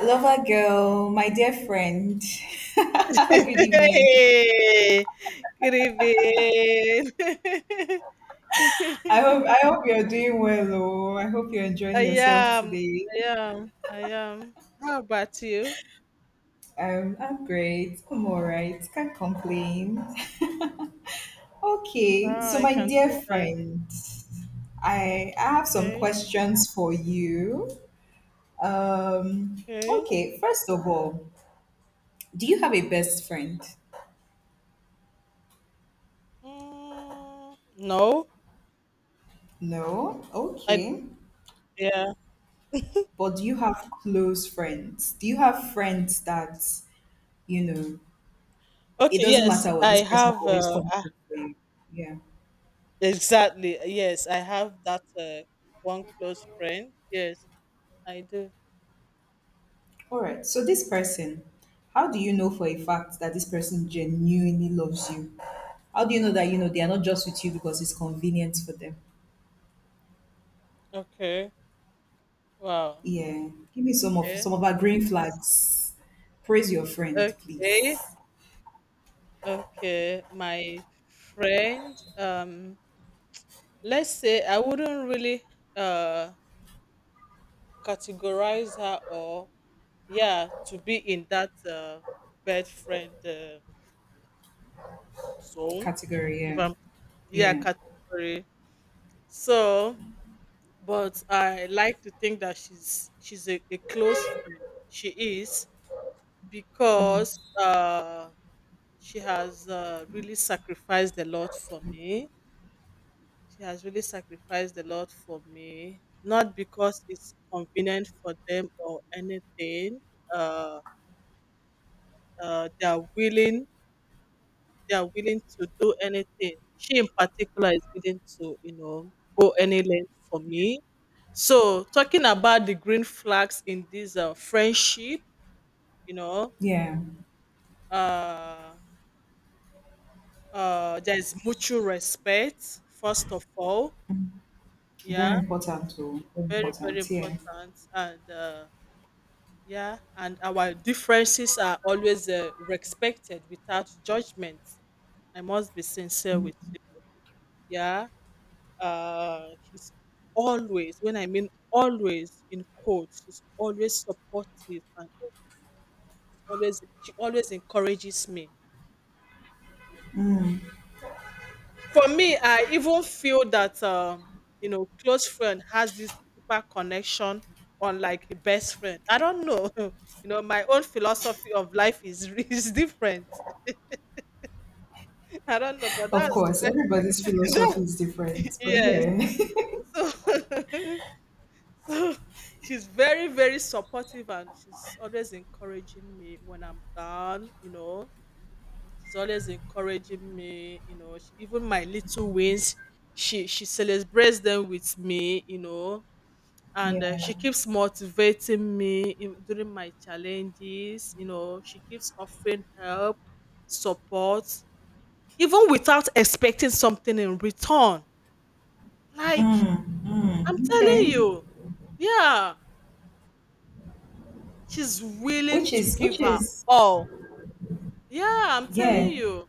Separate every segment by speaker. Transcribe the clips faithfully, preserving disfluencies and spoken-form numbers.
Speaker 1: Lover girl, my dear friend. Good evening.
Speaker 2: Hey, good evening.
Speaker 1: I hope I hope you're doing well. Oh. I hope you're
Speaker 2: I
Speaker 1: enjoying yourself
Speaker 2: am,
Speaker 1: today.
Speaker 2: I am, I am. How about you?
Speaker 1: Um, I'm great. I'm all right. Can't complain.
Speaker 2: Oh,
Speaker 1: Okay, so
Speaker 2: I
Speaker 1: my
Speaker 2: can
Speaker 1: dear
Speaker 2: see that.
Speaker 1: friend, I, I have some
Speaker 2: Okay,
Speaker 1: questions for you. Um,
Speaker 2: okay.
Speaker 1: okay, first of all, do you have a best friend?
Speaker 2: Mm, no,
Speaker 1: No?
Speaker 2: I
Speaker 1: Okay.
Speaker 2: yeah.
Speaker 1: But do you have close friends? Do you have friends that you know, it
Speaker 2: Okay,
Speaker 1: doesn't
Speaker 2: yes,
Speaker 1: matter what
Speaker 2: I
Speaker 1: this person will
Speaker 2: have.
Speaker 1: always
Speaker 2: Uh,
Speaker 1: come
Speaker 2: ah,
Speaker 1: through for you. Yeah.
Speaker 2: exactly. Yes, I have that uh, one close friend. Yes, I do.
Speaker 1: All right. So this person, how do you know for a fact that this person genuinely loves you? How do you know that you know they are not just with you because it's convenient for them?
Speaker 2: Okay. Wow.
Speaker 1: Yeah. Give me some of
Speaker 2: Okay.
Speaker 1: some of our green flags. Praise your friend, please.
Speaker 2: Okay. Okay, my friend, um, let's say I wouldn't really uh categorize her or yeah to be in that uh bad friend uh, zone
Speaker 1: Category,
Speaker 2: if
Speaker 1: yeah.
Speaker 2: I'm yeah
Speaker 1: Yeah.
Speaker 2: category. So, but I like to think that she's she's a, a close friend. She is
Speaker 1: Mm,
Speaker 2: because uh she has uh, really sacrificed a lot for me. She has really sacrificed a lot for me, not because it's convenient for them or anything. Uh, uh, they are willing, they are willing to do anything. She in particular is willing to, you know, go any length for me. So talking about the green flags in this uh, friendship, you know,
Speaker 1: yeah.
Speaker 2: uh, uh, there is mutual respect first of all.
Speaker 1: Very
Speaker 2: Yeah,
Speaker 1: important too. Very
Speaker 2: very very
Speaker 1: important. Yeah.
Speaker 2: important. And. Uh, Yeah, and our differences are always uh, respected without judgment. I must be sincere with you. Yeah, uh, she's always, when I mean always in quotes, she's always supportive and always she always encourages me. For me, I even feel that um, you know, close friend has this deeper connection on like a best friend. I don't know. You know, my own philosophy of life is is different. I don't know, but
Speaker 1: Of
Speaker 2: that's
Speaker 1: course, everybody's
Speaker 2: That-
Speaker 1: philosophy is different. But
Speaker 2: yes.
Speaker 1: yeah.
Speaker 2: So, so she's very, very supportive and she's always encouraging me when I'm down, you know. She's always encouraging me, you know, she, even my little wins, she she celebrates them with me, you know, and uh,
Speaker 1: yeah.
Speaker 2: she keeps motivating me in, during my challenges, you know, she keeps offering help, support, even without expecting something in return. Like I'm
Speaker 1: Mm,
Speaker 2: telling
Speaker 1: okay.
Speaker 2: you, yeah, she's willing
Speaker 1: Which
Speaker 2: to
Speaker 1: is
Speaker 2: give
Speaker 1: which
Speaker 2: her
Speaker 1: is
Speaker 2: all. Yeah, I'm telling
Speaker 1: yeah,
Speaker 2: you.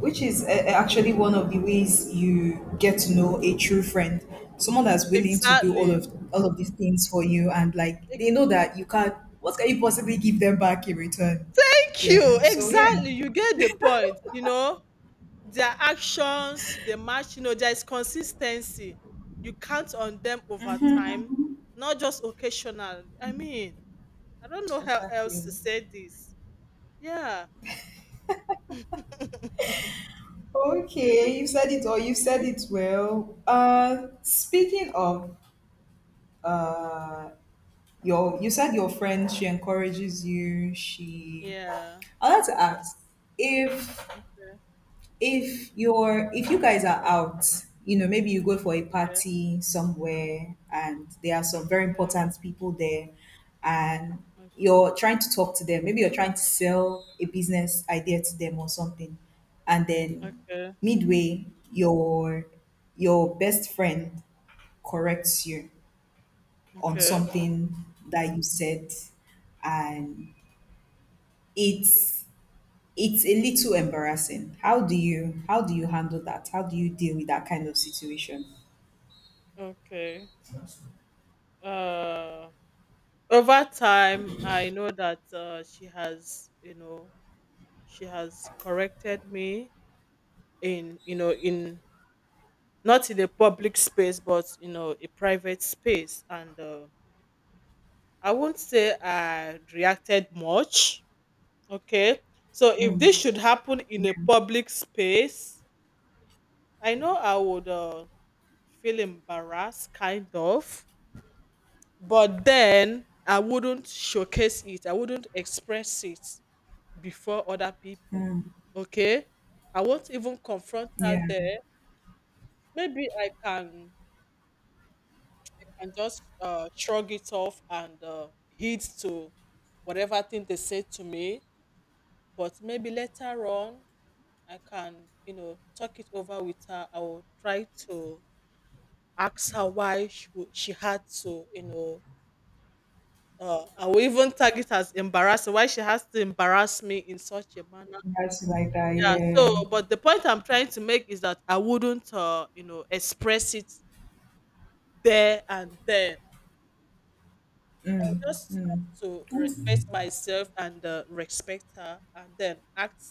Speaker 1: which is uh, actually one of the ways you get to know a true friend, someone that's willing to do all
Speaker 2: Exactly.
Speaker 1: of all of these things for you, and like
Speaker 2: Ex-
Speaker 1: they know that you can't. What can you possibly give them back in return?
Speaker 2: Thank you.
Speaker 1: Yeah. So yeah,
Speaker 2: Exactly. You get the point. You know, their actions, they match, you know, there is consistency. You count on them over time, not just occasionally. I mean, I don't know how else
Speaker 1: exactly.
Speaker 2: to say this. Yeah.
Speaker 1: Okay, you said it all. You said it well. Uh, speaking of uh, your, you said your friend. She encourages you. She
Speaker 2: yeah.
Speaker 1: I'd like to ask if if you're if you guys are out, you know, maybe you go for a
Speaker 2: Okay.
Speaker 1: party somewhere and there are some very
Speaker 2: Okay.
Speaker 1: important people there and you're trying to talk to them, maybe you're trying to sell a business idea to them or something, and then
Speaker 2: Okay.
Speaker 1: midway your your best friend corrects you on
Speaker 2: Okay. Okay.
Speaker 1: something that you said and it's It's a little embarrassing. How do you how do you handle that? How do you deal with that kind of situation?
Speaker 2: Okay. Uh Over time I know that uh, she has, you know, she has corrected me in, you know, in not in a public space but, you know, a private space, and uh, I won't say I reacted much. Okay, so if this should happen in a public space, I know I would uh, feel embarrassed kind of, but then I wouldn't showcase it, I wouldn't express it before other people. Okay, I won't even confront
Speaker 1: Yeah,
Speaker 2: her there. Maybe I can and just uh, shrug it off and uh, heed to whatever thing they say to me. But maybe later on, I can, you know, talk it over with her. I will try to ask her why she, wo- she had to, you know. Uh, I will even tag it as embarrassing. Why she has to embarrass me in such a manner.
Speaker 1: that's like that.
Speaker 2: Yeah,
Speaker 1: Yeah.
Speaker 2: so but the point I'm trying to make is that I wouldn't, uh, you know, express it there and then. I just have to respect myself and uh, respect her, and then act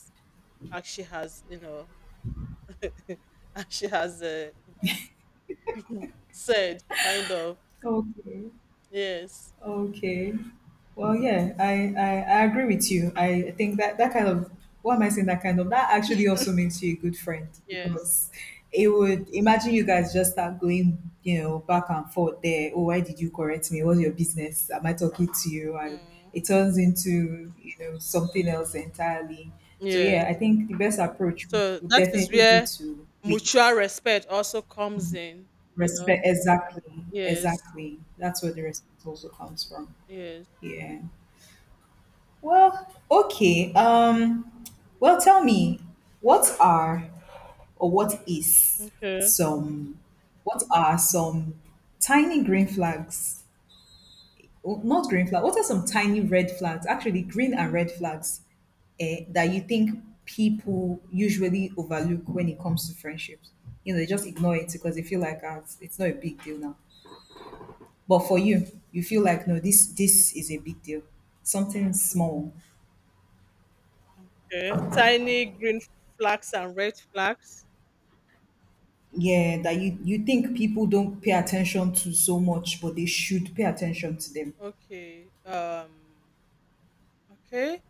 Speaker 2: as she has, you know, as she has uh, said, kind of.
Speaker 1: Okay.
Speaker 2: Yes,
Speaker 1: Okay. Well, yeah, I, I, I agree with you. I think that that kind of, what am I saying? That kind of that actually also makes you a good friend
Speaker 2: yes,
Speaker 1: because it would imagine you guys just start going, you know, back and forth there. Oh, why did you correct me? What's your business? Am I talking to you? And it
Speaker 2: mm,
Speaker 1: turns into you know something else entirely. So yeah, I
Speaker 2: yes.
Speaker 1: think the best approach would,
Speaker 2: So
Speaker 1: would
Speaker 2: that is
Speaker 1: definitely be
Speaker 2: where
Speaker 1: to wait,
Speaker 2: mutual respect also comes in. You know.
Speaker 1: respect. Exactly,
Speaker 2: Yes.
Speaker 1: exactly. That's where the respect also comes from.
Speaker 2: Yes.
Speaker 1: Yeah. Well, okay. Um, well, tell me, what are or what is
Speaker 2: Okay.
Speaker 1: some, what are some tiny green flags? Oh, not green flag. What are some tiny red flags? Actually, green and red flags, eh, that you think people usually overlook when it comes to friendships. You know, they just ignore it because they feel like ah, it's it's not a big deal now. But for you, you feel like no, this this is a big deal. Something small,
Speaker 2: Okay. Tiny green flags and red flags.
Speaker 1: yeah, that you you think people don't pay attention to so much, but they should pay attention to them.
Speaker 2: Okay. Um okay.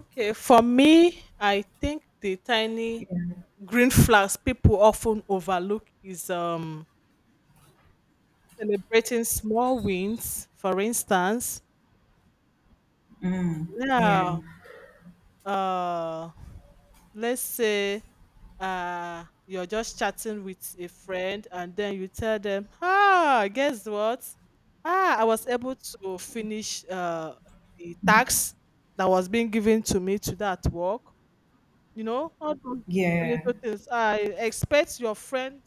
Speaker 2: Okay. For me, I think the tiny green flags people often overlook is um celebrating small wins, for instance.
Speaker 1: Yeah.
Speaker 2: Yeah. Uh let's say uh you're just chatting with a friend and then you tell them, ah, guess what, ah, I was able to finish uh the tax that was being given to me to that work, you know, all those
Speaker 1: Yeah.
Speaker 2: little things. I expect your friend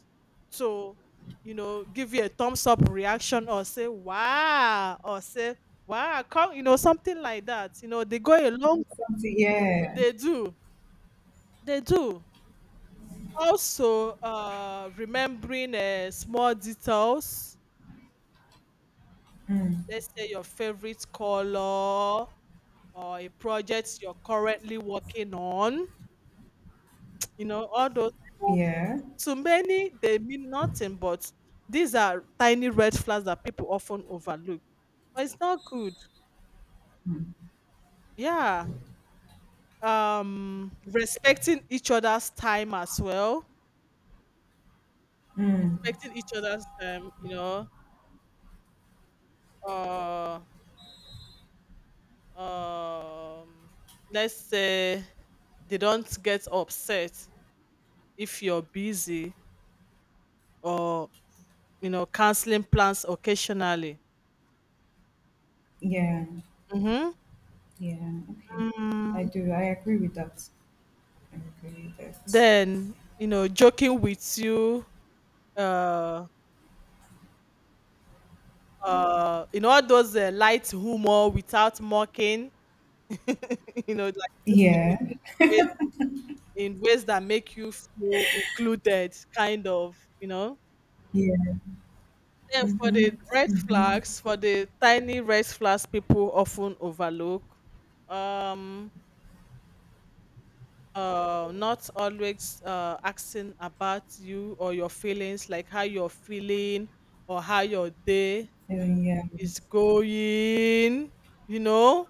Speaker 2: to, you know, give you a thumbs up reaction or say wow or say wow come, you know, something like that. You know, they go a long.
Speaker 1: Something, yeah.
Speaker 2: They do they do Also, uh, remembering uh, small details, let's say your favorite color or a project you're currently working on, you know, all those. I know
Speaker 1: Yeah,
Speaker 2: to many, they mean nothing, but these are tiny red flags that people often overlook. But it's not good. Yeah. Um, respecting each other's time as well, respecting each other's, um, you know, uh, um let's say they don't get upset if you're busy or you know canceling plans occasionally.
Speaker 1: yeah,
Speaker 2: Hmm.
Speaker 1: yeah. Okay,
Speaker 2: Mm,
Speaker 1: I do, I agree with that. I agree with that.
Speaker 2: then you know joking with you, uh uh in all those uh, light humor without mocking, you know, like joking with
Speaker 1: Yeah,
Speaker 2: you in ways in ways that make you feel included kind of, you know.
Speaker 1: yeah.
Speaker 2: Then for the red flags, for the tiny red flags people often overlook, um, uh, not always uh, asking about you or your feelings, like how you're feeling or how your day
Speaker 1: And yeah,
Speaker 2: is going, you know?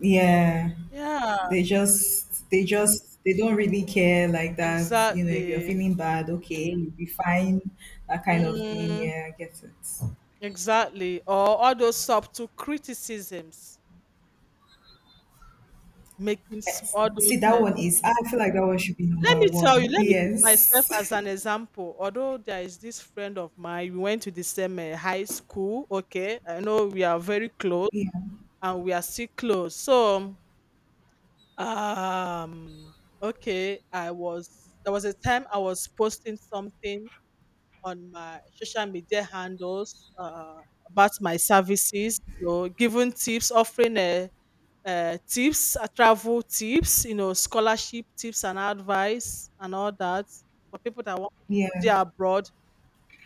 Speaker 1: yeah.
Speaker 2: Yeah,
Speaker 1: they just they just they don't really care like that. You know if you're
Speaker 2: exactly.
Speaker 1: feeling bad, okay, you'll be fine. That kind of thing,
Speaker 2: Mm,
Speaker 1: yeah, I get it.
Speaker 2: exactly. Or all those subtle criticisms, making s- all those
Speaker 1: See, that
Speaker 2: uh,
Speaker 1: one is, I feel like that one should be
Speaker 2: Let
Speaker 1: number
Speaker 2: me tell you,
Speaker 1: one.
Speaker 2: let me use myself
Speaker 1: Yes.
Speaker 2: as an example. Although there is this friend of mine, we went to the same uh, high school. Okay, I know we are very close
Speaker 1: Yeah.
Speaker 2: and we are still close. So, um, okay, I was there was a time I was posting something on my social media handles uh, about my services, you know, giving tips, offering uh, uh, tips, uh, travel tips, you know, scholarship tips and advice and all that for people that want to
Speaker 1: Yeah.
Speaker 2: study abroad.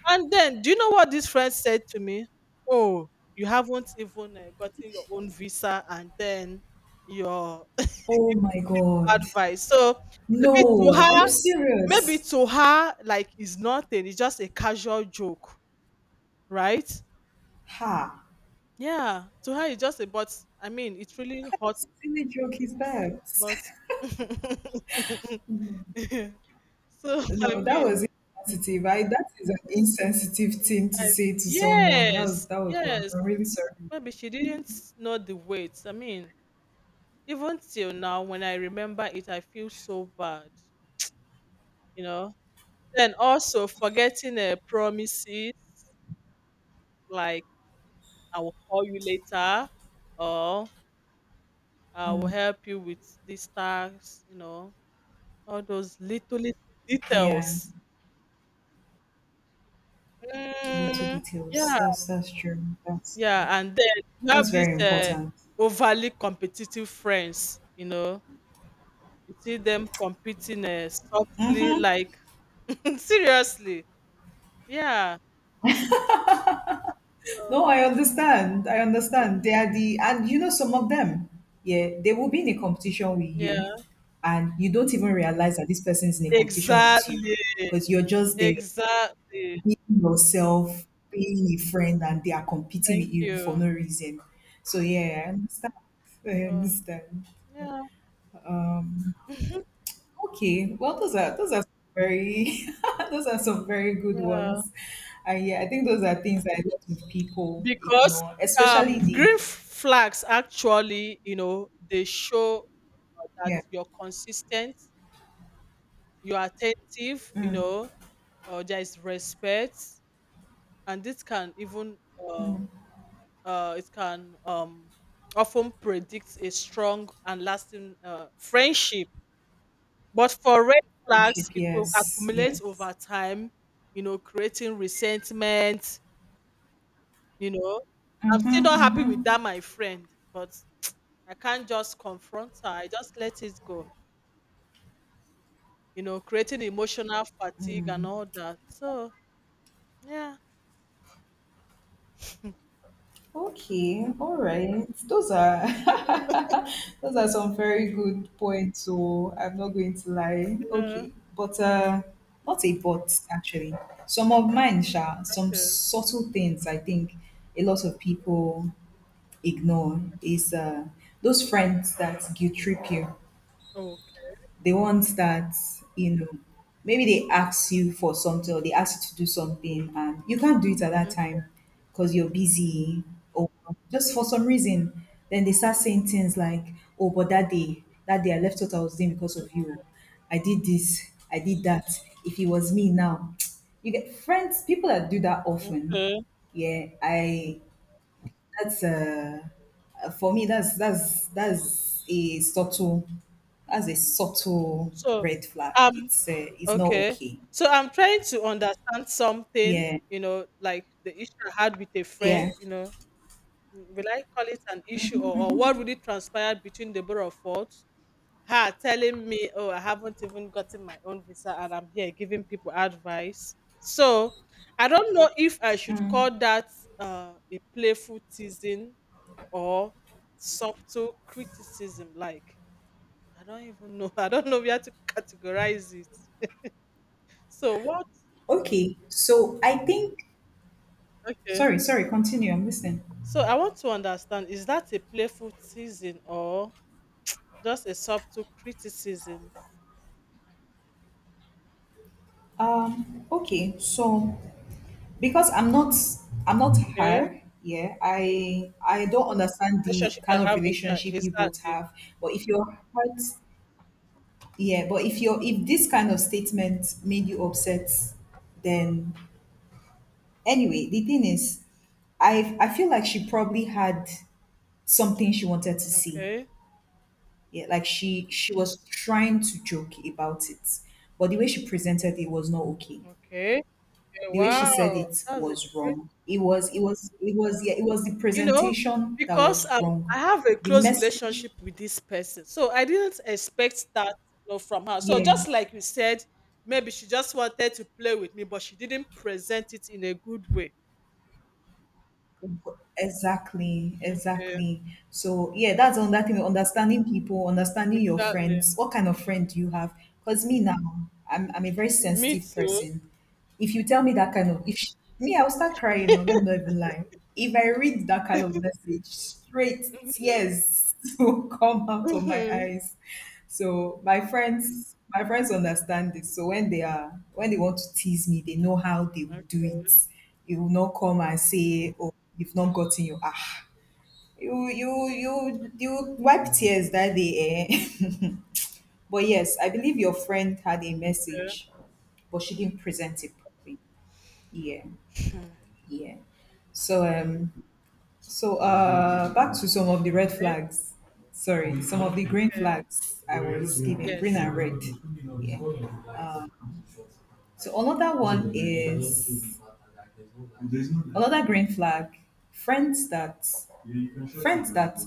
Speaker 2: And then, do you know what this friend said to me? Oh, you haven't even uh, gotten your own visa, and then your
Speaker 1: Oh my God.
Speaker 2: advice. So maybe to
Speaker 1: No. Are
Speaker 2: her,
Speaker 1: you
Speaker 2: maybe
Speaker 1: serious?
Speaker 2: to her, like it's nothing. It's just a casual joke, right?
Speaker 1: Ha.
Speaker 2: Yeah, to her it's just a but. I mean, it really
Speaker 1: What kind
Speaker 2: hurt,
Speaker 1: of silly joke is that?
Speaker 2: but so I
Speaker 1: No, that
Speaker 2: mean,
Speaker 1: was insensitive. I, that is an insensitive thing to
Speaker 2: I
Speaker 1: say to someone. That was
Speaker 2: yes,
Speaker 1: that was wrong.
Speaker 2: yes.
Speaker 1: I'm really sorry.
Speaker 2: Maybe she didn't know the weight. I mean, even till now, when I remember it, I feel so bad, you know. Then also forgetting uh, promises like I will call you later or I will help you with these tasks, you know, all those little little
Speaker 1: Yeah,
Speaker 2: details.
Speaker 1: little
Speaker 2: Mm,
Speaker 1: details.
Speaker 2: yeah,
Speaker 1: That's that's true. That's
Speaker 2: yeah, and then you have
Speaker 1: that's very
Speaker 2: these uh,
Speaker 1: important.
Speaker 2: overly competitive friends, you know, you see them competing uh, softly, like seriously. Yeah. So,
Speaker 1: No, I understand. I understand. They are the, and you know, some of them, yeah, they will be in a competition with you,
Speaker 2: yeah.
Speaker 1: and you don't even realize that this person is in a competition with you
Speaker 2: Exactly.
Speaker 1: because you're just there
Speaker 2: Exactly.
Speaker 1: being yourself, being a friend, and they are competing
Speaker 2: Thank
Speaker 1: with you for
Speaker 2: you.
Speaker 1: no reason. So, yeah, I understand. I
Speaker 2: Oh,
Speaker 1: understand.
Speaker 2: yeah.
Speaker 1: Okay, well, those are those are some very those are some very good
Speaker 2: Yeah.
Speaker 1: ones, and yeah, I think those are things that a lot of people
Speaker 2: Because
Speaker 1: ignore, especially
Speaker 2: um green
Speaker 1: the.
Speaker 2: f- flags actually, you know, they show that
Speaker 1: Yeah,
Speaker 2: you're consistent, you're attentive, you know, or there is respect, and this can even uh, uh, it can um, often predict a strong and lasting uh, friendship. But for red flags, it will
Speaker 1: yes,
Speaker 2: accumulate
Speaker 1: yes.
Speaker 2: over time, you know, creating resentment. You know, I'm still
Speaker 1: Mm-hmm,
Speaker 2: not happy with
Speaker 1: mm-hmm.
Speaker 2: that, my friend, but I can't just confront her. I just let it go. You know, creating emotional fatigue and all that. So yeah.
Speaker 1: Okay, all right. Those are those are some very good points. So I'm not going to lie.
Speaker 2: Yeah.
Speaker 1: Okay, but uh, not a but actually. Some of mine, Sha, some
Speaker 2: Okay.
Speaker 1: subtle things I think a lot of people ignore is uh those friends that guilt trip you.
Speaker 2: Okay.
Speaker 1: The ones that you know maybe they ask you for something or they ask you to do something and you can't do it at that
Speaker 2: Mm,
Speaker 1: time because you're busy or just for some reason, then they start saying things like, oh, but that day, that day I left what I was doing because of you, I did this, I did that, if it was me now. You get? Friends, people that do that often.
Speaker 2: okay.
Speaker 1: Yeah, I that's, uh, uh, for me. That's that's that's a subtle, that's a subtle
Speaker 2: So,
Speaker 1: red flag.
Speaker 2: um,
Speaker 1: It's uh, it's not
Speaker 2: okay.
Speaker 1: okay.
Speaker 2: So I'm trying to understand something,
Speaker 1: Yeah,
Speaker 2: you know, like the issue I had with a friend,
Speaker 1: yeah.
Speaker 2: you know, mm, will I call it an issue or, or what really transpired between the both of us? Her telling me, oh, I haven't even gotten my own visa and I'm here giving people advice. So I don't know if I should call that uh, a playful teasing or subtle criticism. Like, I don't even know. I don't know where to categorize it. So what?
Speaker 1: Okay. So I think.
Speaker 2: Okay.
Speaker 1: Sorry, sorry. Continue. I'm listening.
Speaker 2: So I want to understand, is that a playful teasing or just a subtle criticism?
Speaker 1: Um. Okay. So because I'm not I'm not
Speaker 2: Okay.
Speaker 1: her. Yeah. I I don't understand the
Speaker 2: Relationship I
Speaker 1: kind of
Speaker 2: have with her.
Speaker 1: relationship you both
Speaker 2: Exactly.
Speaker 1: have. But if you're hurt, yeah. But if you're, if this kind of statement made you upset, then anyway, the thing is, I I feel like she probably had something she wanted to see.
Speaker 2: Okay.
Speaker 1: Yeah, like she she was trying to joke about it, but the way she presented it was not okay.
Speaker 2: Okay, okay.
Speaker 1: The way she said
Speaker 2: Wow.
Speaker 1: it
Speaker 2: That's a
Speaker 1: was
Speaker 2: great,
Speaker 1: wrong. It was it was it was yeah it was the
Speaker 2: you know,
Speaker 1: presentation that
Speaker 2: because
Speaker 1: was
Speaker 2: um
Speaker 1: wrong.
Speaker 2: I have a
Speaker 1: The
Speaker 2: close
Speaker 1: message,
Speaker 2: relationship with this person. So I didn't expect that, you know, from her. So
Speaker 1: yeah.
Speaker 2: just like you said, maybe she just wanted to play with me, but she didn't present it in a good way.
Speaker 1: Exactly,
Speaker 2: Okay.
Speaker 1: exactly. So yeah, that's another thing. Understanding people, understanding your
Speaker 2: Exactly.
Speaker 1: friends. What kind of friend do you have? Because me now, I'm I'm a very
Speaker 2: Me
Speaker 1: sensitive
Speaker 2: too.
Speaker 1: person. If you tell me that kind of, if me, I'll start crying. Or let me not even lie. If I read that kind of message, straight tears will come out of my eyes. So my friends, my friends understand this. So when they are when they want to tease me, they know how they will do
Speaker 2: Okay.
Speaker 1: it. You will not come and say, "Oh, you've not gotten your ah you you you you wipe tears that day, eh." But yes, I believe your friend had a message, but she didn't present it properly. Yeah. Yeah. So um So, uh, back to some of the red flags. Sorry, some of the green flags I was given, green
Speaker 2: Yes.
Speaker 1: and red. Yeah. Um, so another one is another green flag. Friends that friends that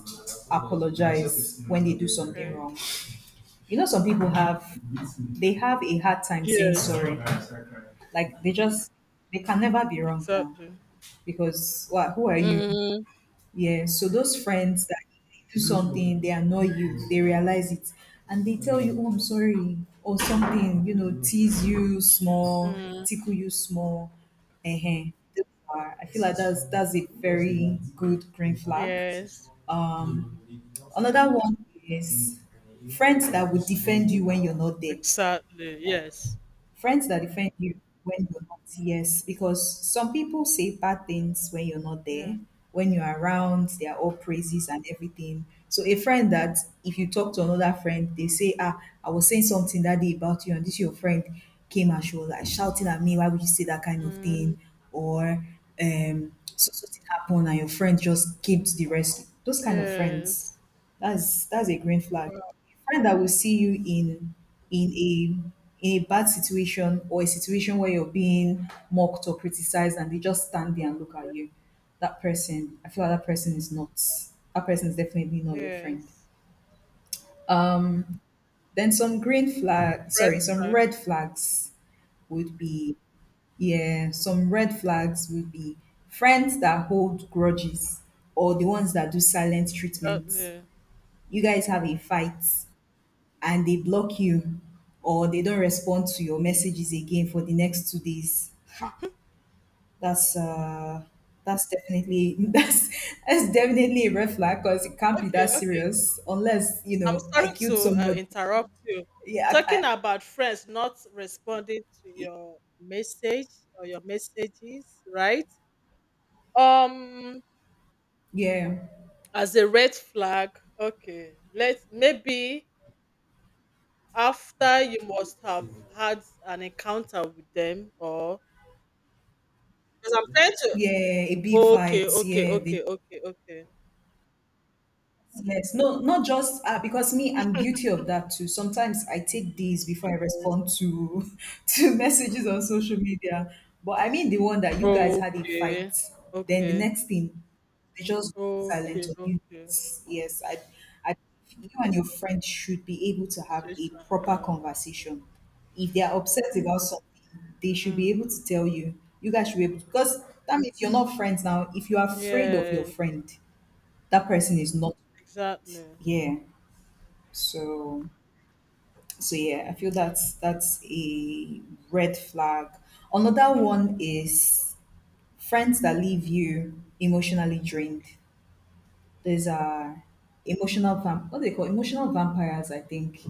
Speaker 1: apologize when they do something
Speaker 2: Okay.
Speaker 1: wrong. You know, some people have they have a hard time saying
Speaker 2: Yes.
Speaker 1: sorry. Like they just they can never be wrong now
Speaker 2: Exactly.
Speaker 1: because what? Who are you?
Speaker 2: Mm.
Speaker 1: Yeah, so those friends that do something, they annoy you, they realize it, and they tell you, "Oh, I'm sorry," or something, you know, tease you small,
Speaker 2: Mm.
Speaker 1: tickle you small. Uh huh. I feel like that's that's a very good green flag.
Speaker 2: Yes.
Speaker 1: Um, another one is friends that will defend you when you're not there.
Speaker 2: Exactly. Yes.
Speaker 1: Friends that defend you when you're not, yes, because some people say bad things when you're not
Speaker 2: Yeah.
Speaker 1: there. When you're around, they are all praises and everything. So a friend that, if you talk to another friend, they say, "Ah, I was saying something that day about you, and this your friend came and she was like shouting at me, why would you say that kind of
Speaker 2: Mm.
Speaker 1: thing?" Or um so something happened and your friend just came to the rescue. Those kind of friends.
Speaker 2: Yes.
Speaker 1: That's that's a green flag.
Speaker 2: Wow.
Speaker 1: Friend that will see you in in a in a bad situation or a situation where you're being mocked or criticized and they just stand there and look at you, that person I feel like that person is not that person is definitely not your friend.
Speaker 2: Yes.
Speaker 1: Then some green flag, sorry,
Speaker 2: Rest
Speaker 1: some
Speaker 2: time.
Speaker 1: red flags would be, yeah, some red flags would be friends that hold grudges or the ones that do silent treatments.
Speaker 2: Exactly.
Speaker 1: You guys have a fight and they block you or they don't respond to your messages again for the next two days. That's uh that's definitely that's that's definitely a red flag because it can't be that
Speaker 2: Okay. Okay.
Speaker 1: serious unless you
Speaker 2: I'm
Speaker 1: know I
Speaker 2: sorry
Speaker 1: killed
Speaker 2: to uh,
Speaker 1: somebody.
Speaker 2: interrupt you.
Speaker 1: Yeah, I, I,
Speaker 2: Talking about friends not responding to your message or your messages, right? Um,
Speaker 1: yeah,
Speaker 2: as a red flag. Okay. Let's maybe after you must have had an encounter with them or because 'cause I'm trying to—
Speaker 1: yeah, a big
Speaker 2: okay,
Speaker 1: fight.
Speaker 2: okay,
Speaker 1: Yeah, they.
Speaker 2: okay, okay, okay.
Speaker 1: Yes, no, not just uh, because me, I'm guilty of that too. Sometimes I take these before I
Speaker 2: Yes.
Speaker 1: respond to to messages on social media. But I mean the one that you guys had a
Speaker 2: Okay.
Speaker 1: fight, then the
Speaker 2: Okay.
Speaker 1: next thing they just go silent
Speaker 2: Okay,
Speaker 1: on you.
Speaker 2: okay.
Speaker 1: Yes, yes, I, I, you and your friend should be able to have a
Speaker 2: Situation,
Speaker 1: proper
Speaker 2: yeah.
Speaker 1: conversation. If they are upset about something, they should
Speaker 2: Mm.
Speaker 1: be able to tell you. You guys should be able to, because that means you're not friends now. If you are afraid of your
Speaker 2: Yes,
Speaker 1: friend, that person is not
Speaker 2: exactly.
Speaker 1: yeah. So so yeah, I feel that's that's a red flag. Another one is friends that leave you emotionally
Speaker 2: Mm,
Speaker 1: drained. There's a emotional vamp what they call emotional vampires, I think.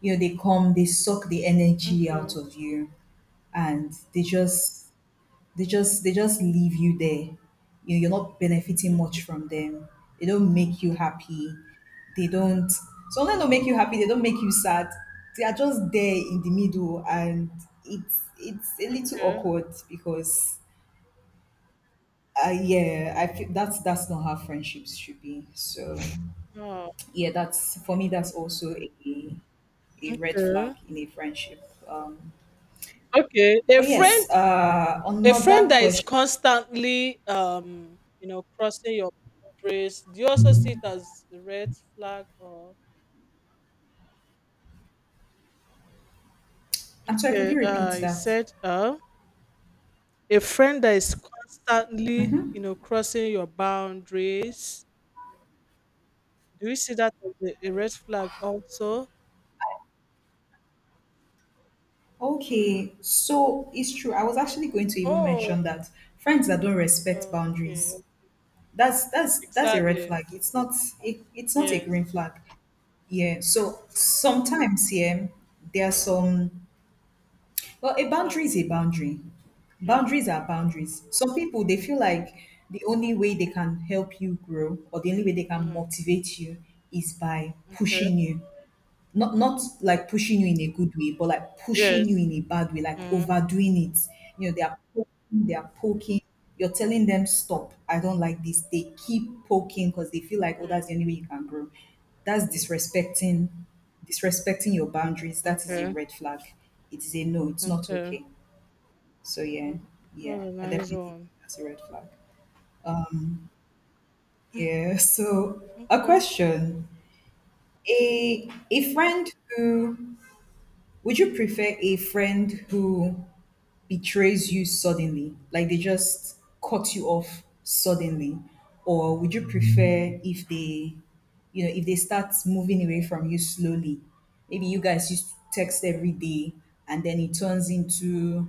Speaker 1: You know, they come, they suck the energy
Speaker 2: okay.
Speaker 1: out of you and they just they just they just leave you there. You you're not benefiting
Speaker 2: Mm,
Speaker 1: much from them. They don't make you happy. They don't some of them don't make you happy, they don't make you sad. They are just there in the middle and it's it's a little
Speaker 2: okay.
Speaker 1: awkward because uh, yeah, I feel that's that's not how friendships should be. So
Speaker 2: Oh,
Speaker 1: yeah, that's for me that's also a a red
Speaker 2: okay.
Speaker 1: flag in a friendship. Um,
Speaker 2: Okay. A
Speaker 1: but
Speaker 2: friend
Speaker 1: yes, uh,
Speaker 2: a
Speaker 1: another
Speaker 2: friend that is
Speaker 1: question.
Speaker 2: constantly, um, you know, crossing your boundaries, do you also see it as a red flag or—
Speaker 1: I'm sorry, could
Speaker 2: okay,
Speaker 1: you repeat
Speaker 2: uh, he
Speaker 1: that?
Speaker 2: said, uh, a friend that is constantly, you know, crossing your boundaries. Do you see that as a, a red flag also?
Speaker 1: Okay, so it's true. I was actually going to even
Speaker 2: Oh,
Speaker 1: mention that friends that don't respect
Speaker 2: okay,
Speaker 1: boundaries, that's that's that's a red
Speaker 2: exactly.
Speaker 1: flag. It's not it, it's not a
Speaker 2: Yes,
Speaker 1: green flag. Yeah. So sometimes, yeah, there are some well, a boundary is
Speaker 2: exactly.
Speaker 1: a boundary.
Speaker 2: Yeah.
Speaker 1: Boundaries are boundaries. Some people they feel like the only way they can help you grow or the only way they can
Speaker 2: Mhm.
Speaker 1: motivate you is by
Speaker 2: Okay.
Speaker 1: pushing you not not like pushing you in a good way, but like pushing you
Speaker 2: Yes.
Speaker 1: in a bad way, like
Speaker 2: Mhm.
Speaker 1: overdoing it. You know, they are poking, they are poking. You're telling them stop. I don't like this. They keep poking because they feel like oh,
Speaker 2: Yeah.
Speaker 1: that's the only way you can grow. That's disrespecting, disrespecting your boundaries. That is a
Speaker 2: Okay.
Speaker 1: red flag. It is a no. It's not
Speaker 2: Okay.
Speaker 1: okay. So yeah,
Speaker 2: Mm, that's
Speaker 1: yeah,
Speaker 2: a
Speaker 1: I
Speaker 2: nice
Speaker 1: definitely think
Speaker 2: one.
Speaker 1: that's a red flag.
Speaker 2: Mm,
Speaker 1: Yeah. So a
Speaker 2: okay.
Speaker 1: question: a a friend who Would you prefer a friend who betrays you suddenly, like they just cut you off suddenly, or would you prefer if they, you know, if they start moving away from you slowly? Maybe you guys used to text every day, and then it turns into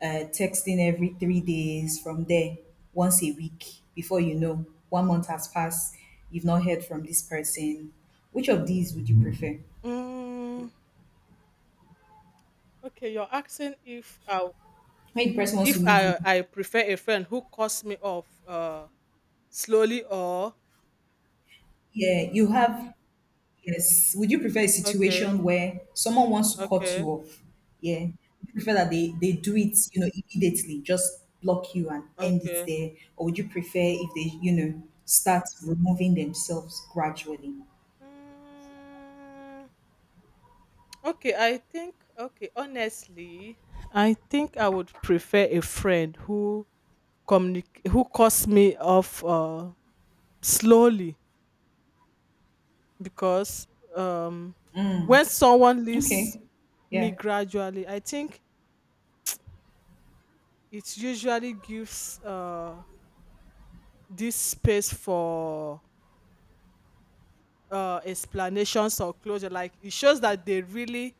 Speaker 1: uh, texting every three days. From there, once a week, before you know, one month has passed. You've not heard from this person. Which of these would you prefer?
Speaker 2: Mm, okay, you're asking if I—
Speaker 1: When the person wants to
Speaker 2: if
Speaker 1: leave you
Speaker 2: I, I prefer a friend who cuts me off. Uh, slowly or—
Speaker 1: yeah, you have yes. Would you prefer a
Speaker 2: okay,
Speaker 1: situation where someone wants to cut you
Speaker 2: okay,
Speaker 1: off? Yeah. Would you prefer that they, they do it, you know, immediately, just block you and end it
Speaker 2: okay.
Speaker 1: there? Or would you prefer if they, you know, start removing themselves gradually?
Speaker 2: Mm, okay, I think okay, honestly, I think I would prefer a friend who communicate who cuts me off uh slowly because um when someone leaves
Speaker 1: Okay.
Speaker 2: me
Speaker 1: Yeah.
Speaker 2: gradually, I think it usually gives uh this space for uh, explanations or closure. Like it shows that they really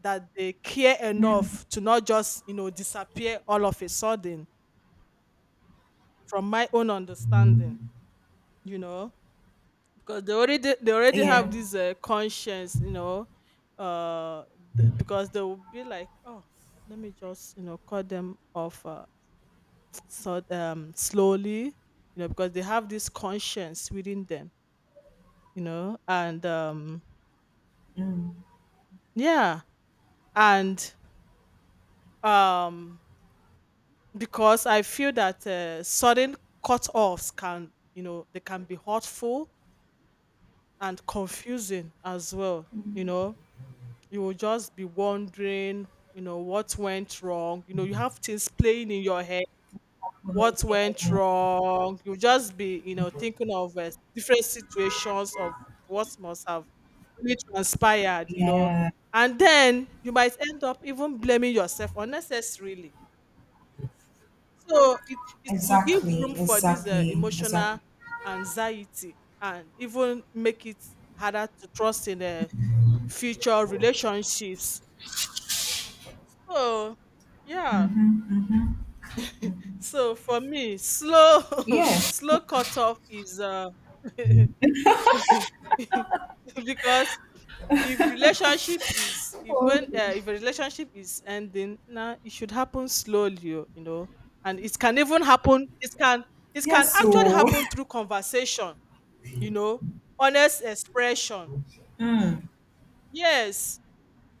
Speaker 2: that they care enough to not just you know disappear all of a sudden. From my own understanding, you know, because they already they already have
Speaker 1: Yeah.
Speaker 2: this uh, conscience, you know, uh, th- because they will be like, oh, let me just you know cut them off, uh, so um slowly, you know, because they have this conscience within them, you know, and um yeah, and um because I feel that uh, sudden cut-offs can, you know, they can be hurtful and confusing as well. You know, you will just be wondering, you know, what went wrong. You know, you have things playing in your head.
Speaker 1: Yeah.
Speaker 2: What went
Speaker 1: Yeah.
Speaker 2: wrong? You just be, you know, thinking of uh, different situations of what must have really transpired. You know,
Speaker 1: Yeah.
Speaker 2: and then you might end up even blaming yourself unnecessarily. So it, it will give room
Speaker 1: Exactly.
Speaker 2: for this uh,
Speaker 1: Exactly.
Speaker 2: emotional
Speaker 1: Exactly.
Speaker 2: anxiety and even make it harder to trust in uh, future relationships. So yeah. So for me, slow
Speaker 1: Yeah.
Speaker 2: slow cut off is uh because if relationship is if
Speaker 1: Oh,
Speaker 2: when uh,
Speaker 1: okay.
Speaker 2: if a relationship is ending now it should happen slowly o, you know. And it can even happen, it can it
Speaker 1: Yeah,
Speaker 2: can actually
Speaker 1: so
Speaker 2: happen through conversation, you know, honest expression.
Speaker 1: mm,
Speaker 2: Yes,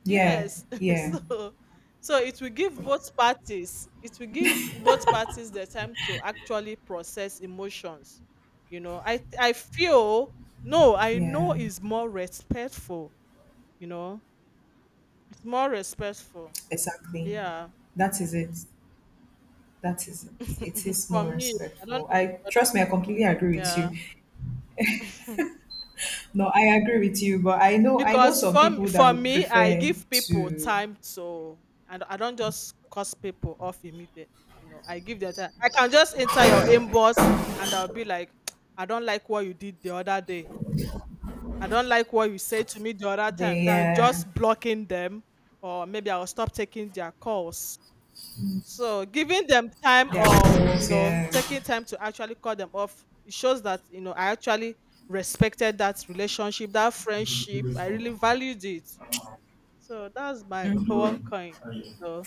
Speaker 1: yeah,
Speaker 2: yes.
Speaker 1: yeah,
Speaker 2: So, so it will give both parties it will give both parties the time to actually process emotions, you know. I I feel no I know
Speaker 1: yeah.
Speaker 2: is more respectful, you know. It's more respectful.
Speaker 1: Exactly.
Speaker 2: Yeah.
Speaker 1: That is it. That is it. It is
Speaker 2: For
Speaker 1: more
Speaker 2: me, I don't
Speaker 1: respectful.
Speaker 2: know
Speaker 1: I
Speaker 2: for other.
Speaker 1: Trust me, I completely agree with you.
Speaker 2: Yeah.
Speaker 1: No, I agree with you, but I know I know
Speaker 2: Because
Speaker 1: some
Speaker 2: for m-
Speaker 1: people that
Speaker 2: for
Speaker 1: would
Speaker 2: me, I
Speaker 1: prefer
Speaker 2: give people
Speaker 1: to
Speaker 2: time to, and I don't just cuss people off immediately. You know, I give them time. I can just enter your inbox and I'll be like, I don't like what you did the other day. I don't like what you said to me the other time. Than
Speaker 1: their
Speaker 2: just blocking them or maybe I'll stop taking their calls. So giving them time,
Speaker 1: their
Speaker 2: or you
Speaker 1: goals.
Speaker 2: know,
Speaker 1: Yeah.
Speaker 2: taking time to actually call them off, it shows that you know I actually respected that relationship, that friendship. I really valued it. So that's my one coin. So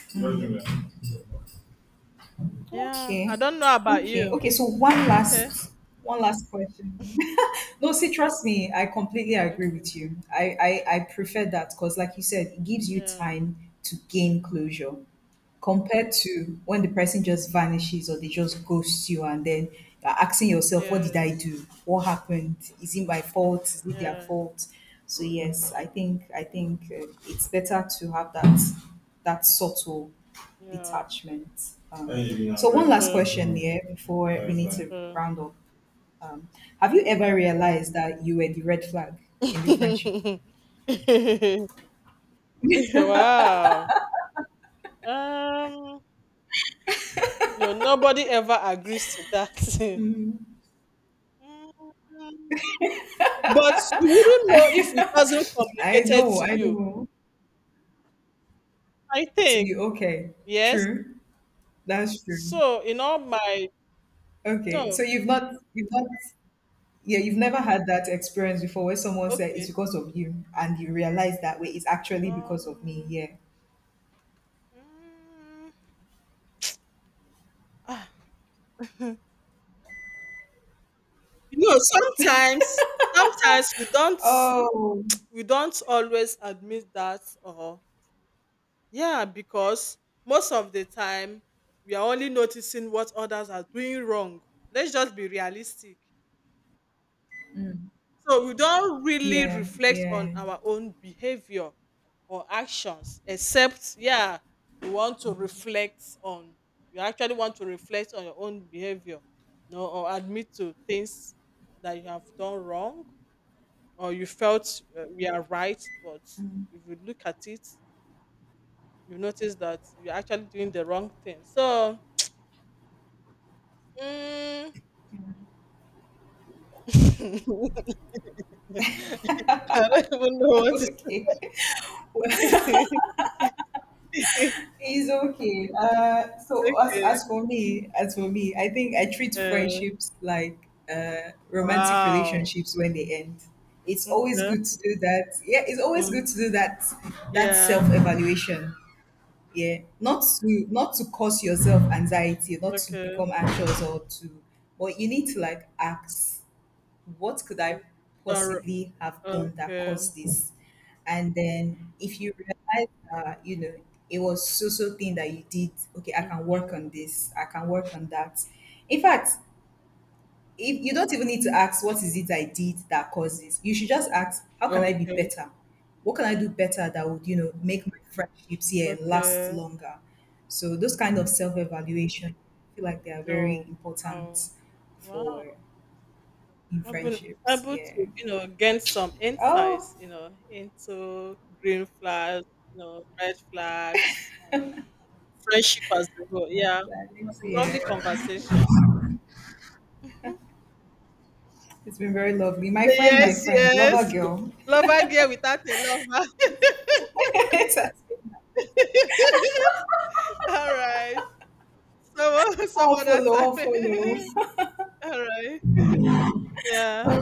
Speaker 2: yeah, I
Speaker 1: Okay.
Speaker 2: don't know about
Speaker 1: Okay.
Speaker 2: you.
Speaker 1: Okay. So one
Speaker 2: Okay.
Speaker 1: last one last question. No, see, trust me, I completely agree with
Speaker 2: Okay.
Speaker 1: you. I I, I prefer that because like you said, it gives you
Speaker 2: Yeah.
Speaker 1: time to gain closure, compared to when the person just vanishes or they just ghost you and then you're asking yourself, what did I
Speaker 2: Yes.
Speaker 1: do? What happened? Is it my fault? Is it their
Speaker 2: Yeah.
Speaker 1: fault? So yes, I think I think uh, it's better to have that that subtle
Speaker 2: Yeah.
Speaker 1: detachment. Um, so one last
Speaker 2: Okay.
Speaker 1: question here before we need to
Speaker 2: Okay.
Speaker 1: round up. Um, have you ever realized that you were the red flag in the friendship?
Speaker 2: Wow. Um. No, nobody ever agrees to that. Mm, but you wouldn't know if it wasn't
Speaker 1: I
Speaker 2: communicated
Speaker 1: know,
Speaker 2: to
Speaker 1: I
Speaker 2: you.
Speaker 1: know.
Speaker 2: I
Speaker 1: So
Speaker 2: think
Speaker 1: you okay?
Speaker 2: yes.
Speaker 1: True. That's true.
Speaker 2: So in all my,
Speaker 1: Okay. So
Speaker 2: no,
Speaker 1: you've not you've not yeah, you've never had that experience before where someone said it's
Speaker 2: okay.
Speaker 1: because of you and you realize that way it's actually because of me.
Speaker 2: Um,
Speaker 1: Yeah.
Speaker 2: mm, ah, you know, sometimes, sometimes we don't,
Speaker 1: Oh
Speaker 2: we don't always admit that. Or yeah, because most of the time we are only noticing what others are doing wrong. Let's just be realistic. So we don't really
Speaker 1: yeah,
Speaker 2: reflect on
Speaker 1: yeah.
Speaker 2: our own behavior or actions, except yeah, you want to reflect on you actually want to reflect on your own behavior, no, or admit to things that you have done wrong, or you felt uh, we are right, but if you look at it, you notice that you're actually doing the wrong thing. So. mm, I don't even know what to
Speaker 1: Okay.
Speaker 2: say.
Speaker 1: It's okay. Uh so as
Speaker 2: Okay.
Speaker 1: as for me, as for me, I think I treat
Speaker 2: Uh,
Speaker 1: friendships like uh romantic
Speaker 2: wow.
Speaker 1: relationships when they end. It's always
Speaker 2: Okay.
Speaker 1: good to do that. Yeah, it's always
Speaker 2: Mm.
Speaker 1: good to do that that
Speaker 2: Yeah.
Speaker 1: self-evaluation, yeah, not to not to cause yourself anxiety, not to
Speaker 2: Okay.
Speaker 1: become anxious, or to but you need to like ask what could I
Speaker 2: Okay. Sorry.
Speaker 1: possibly have done that
Speaker 2: Okay.
Speaker 1: caused this, and then if you realize that you know it was so so thing that you did, okay, I can work
Speaker 2: Okay.
Speaker 1: on this, I can work on that. In fact, if you don't even need to ask what is it I did that causes, you should just ask how can I be
Speaker 2: Okay.
Speaker 1: better? What can I do better that would, you know, make my friendships here last
Speaker 2: Okay.
Speaker 1: longer? So those kind of self-evaluation, I feel like they are very
Speaker 2: No. Wow.
Speaker 1: important
Speaker 2: Wow.
Speaker 1: for in
Speaker 2: I've been
Speaker 1: friendships.
Speaker 2: able to,
Speaker 1: Yeah.
Speaker 2: you know, gain some
Speaker 1: Oh,
Speaker 2: insights, you know, into green flags, you know, red flags, friendship as a whole.
Speaker 1: that's
Speaker 2: Yeah. It was
Speaker 1: nice.
Speaker 2: a lovely
Speaker 1: Yeah.
Speaker 2: conversation.
Speaker 1: It's been very lovely. My friend, my
Speaker 2: Yes,
Speaker 1: friend, lover
Speaker 2: yes.
Speaker 1: girl.
Speaker 2: Lover girl without a lover.
Speaker 1: It has been-
Speaker 2: All right. Some o some
Speaker 1: I'll
Speaker 2: other
Speaker 1: follow, I'll
Speaker 2: time.
Speaker 1: follow.
Speaker 2: Alright. Yeah.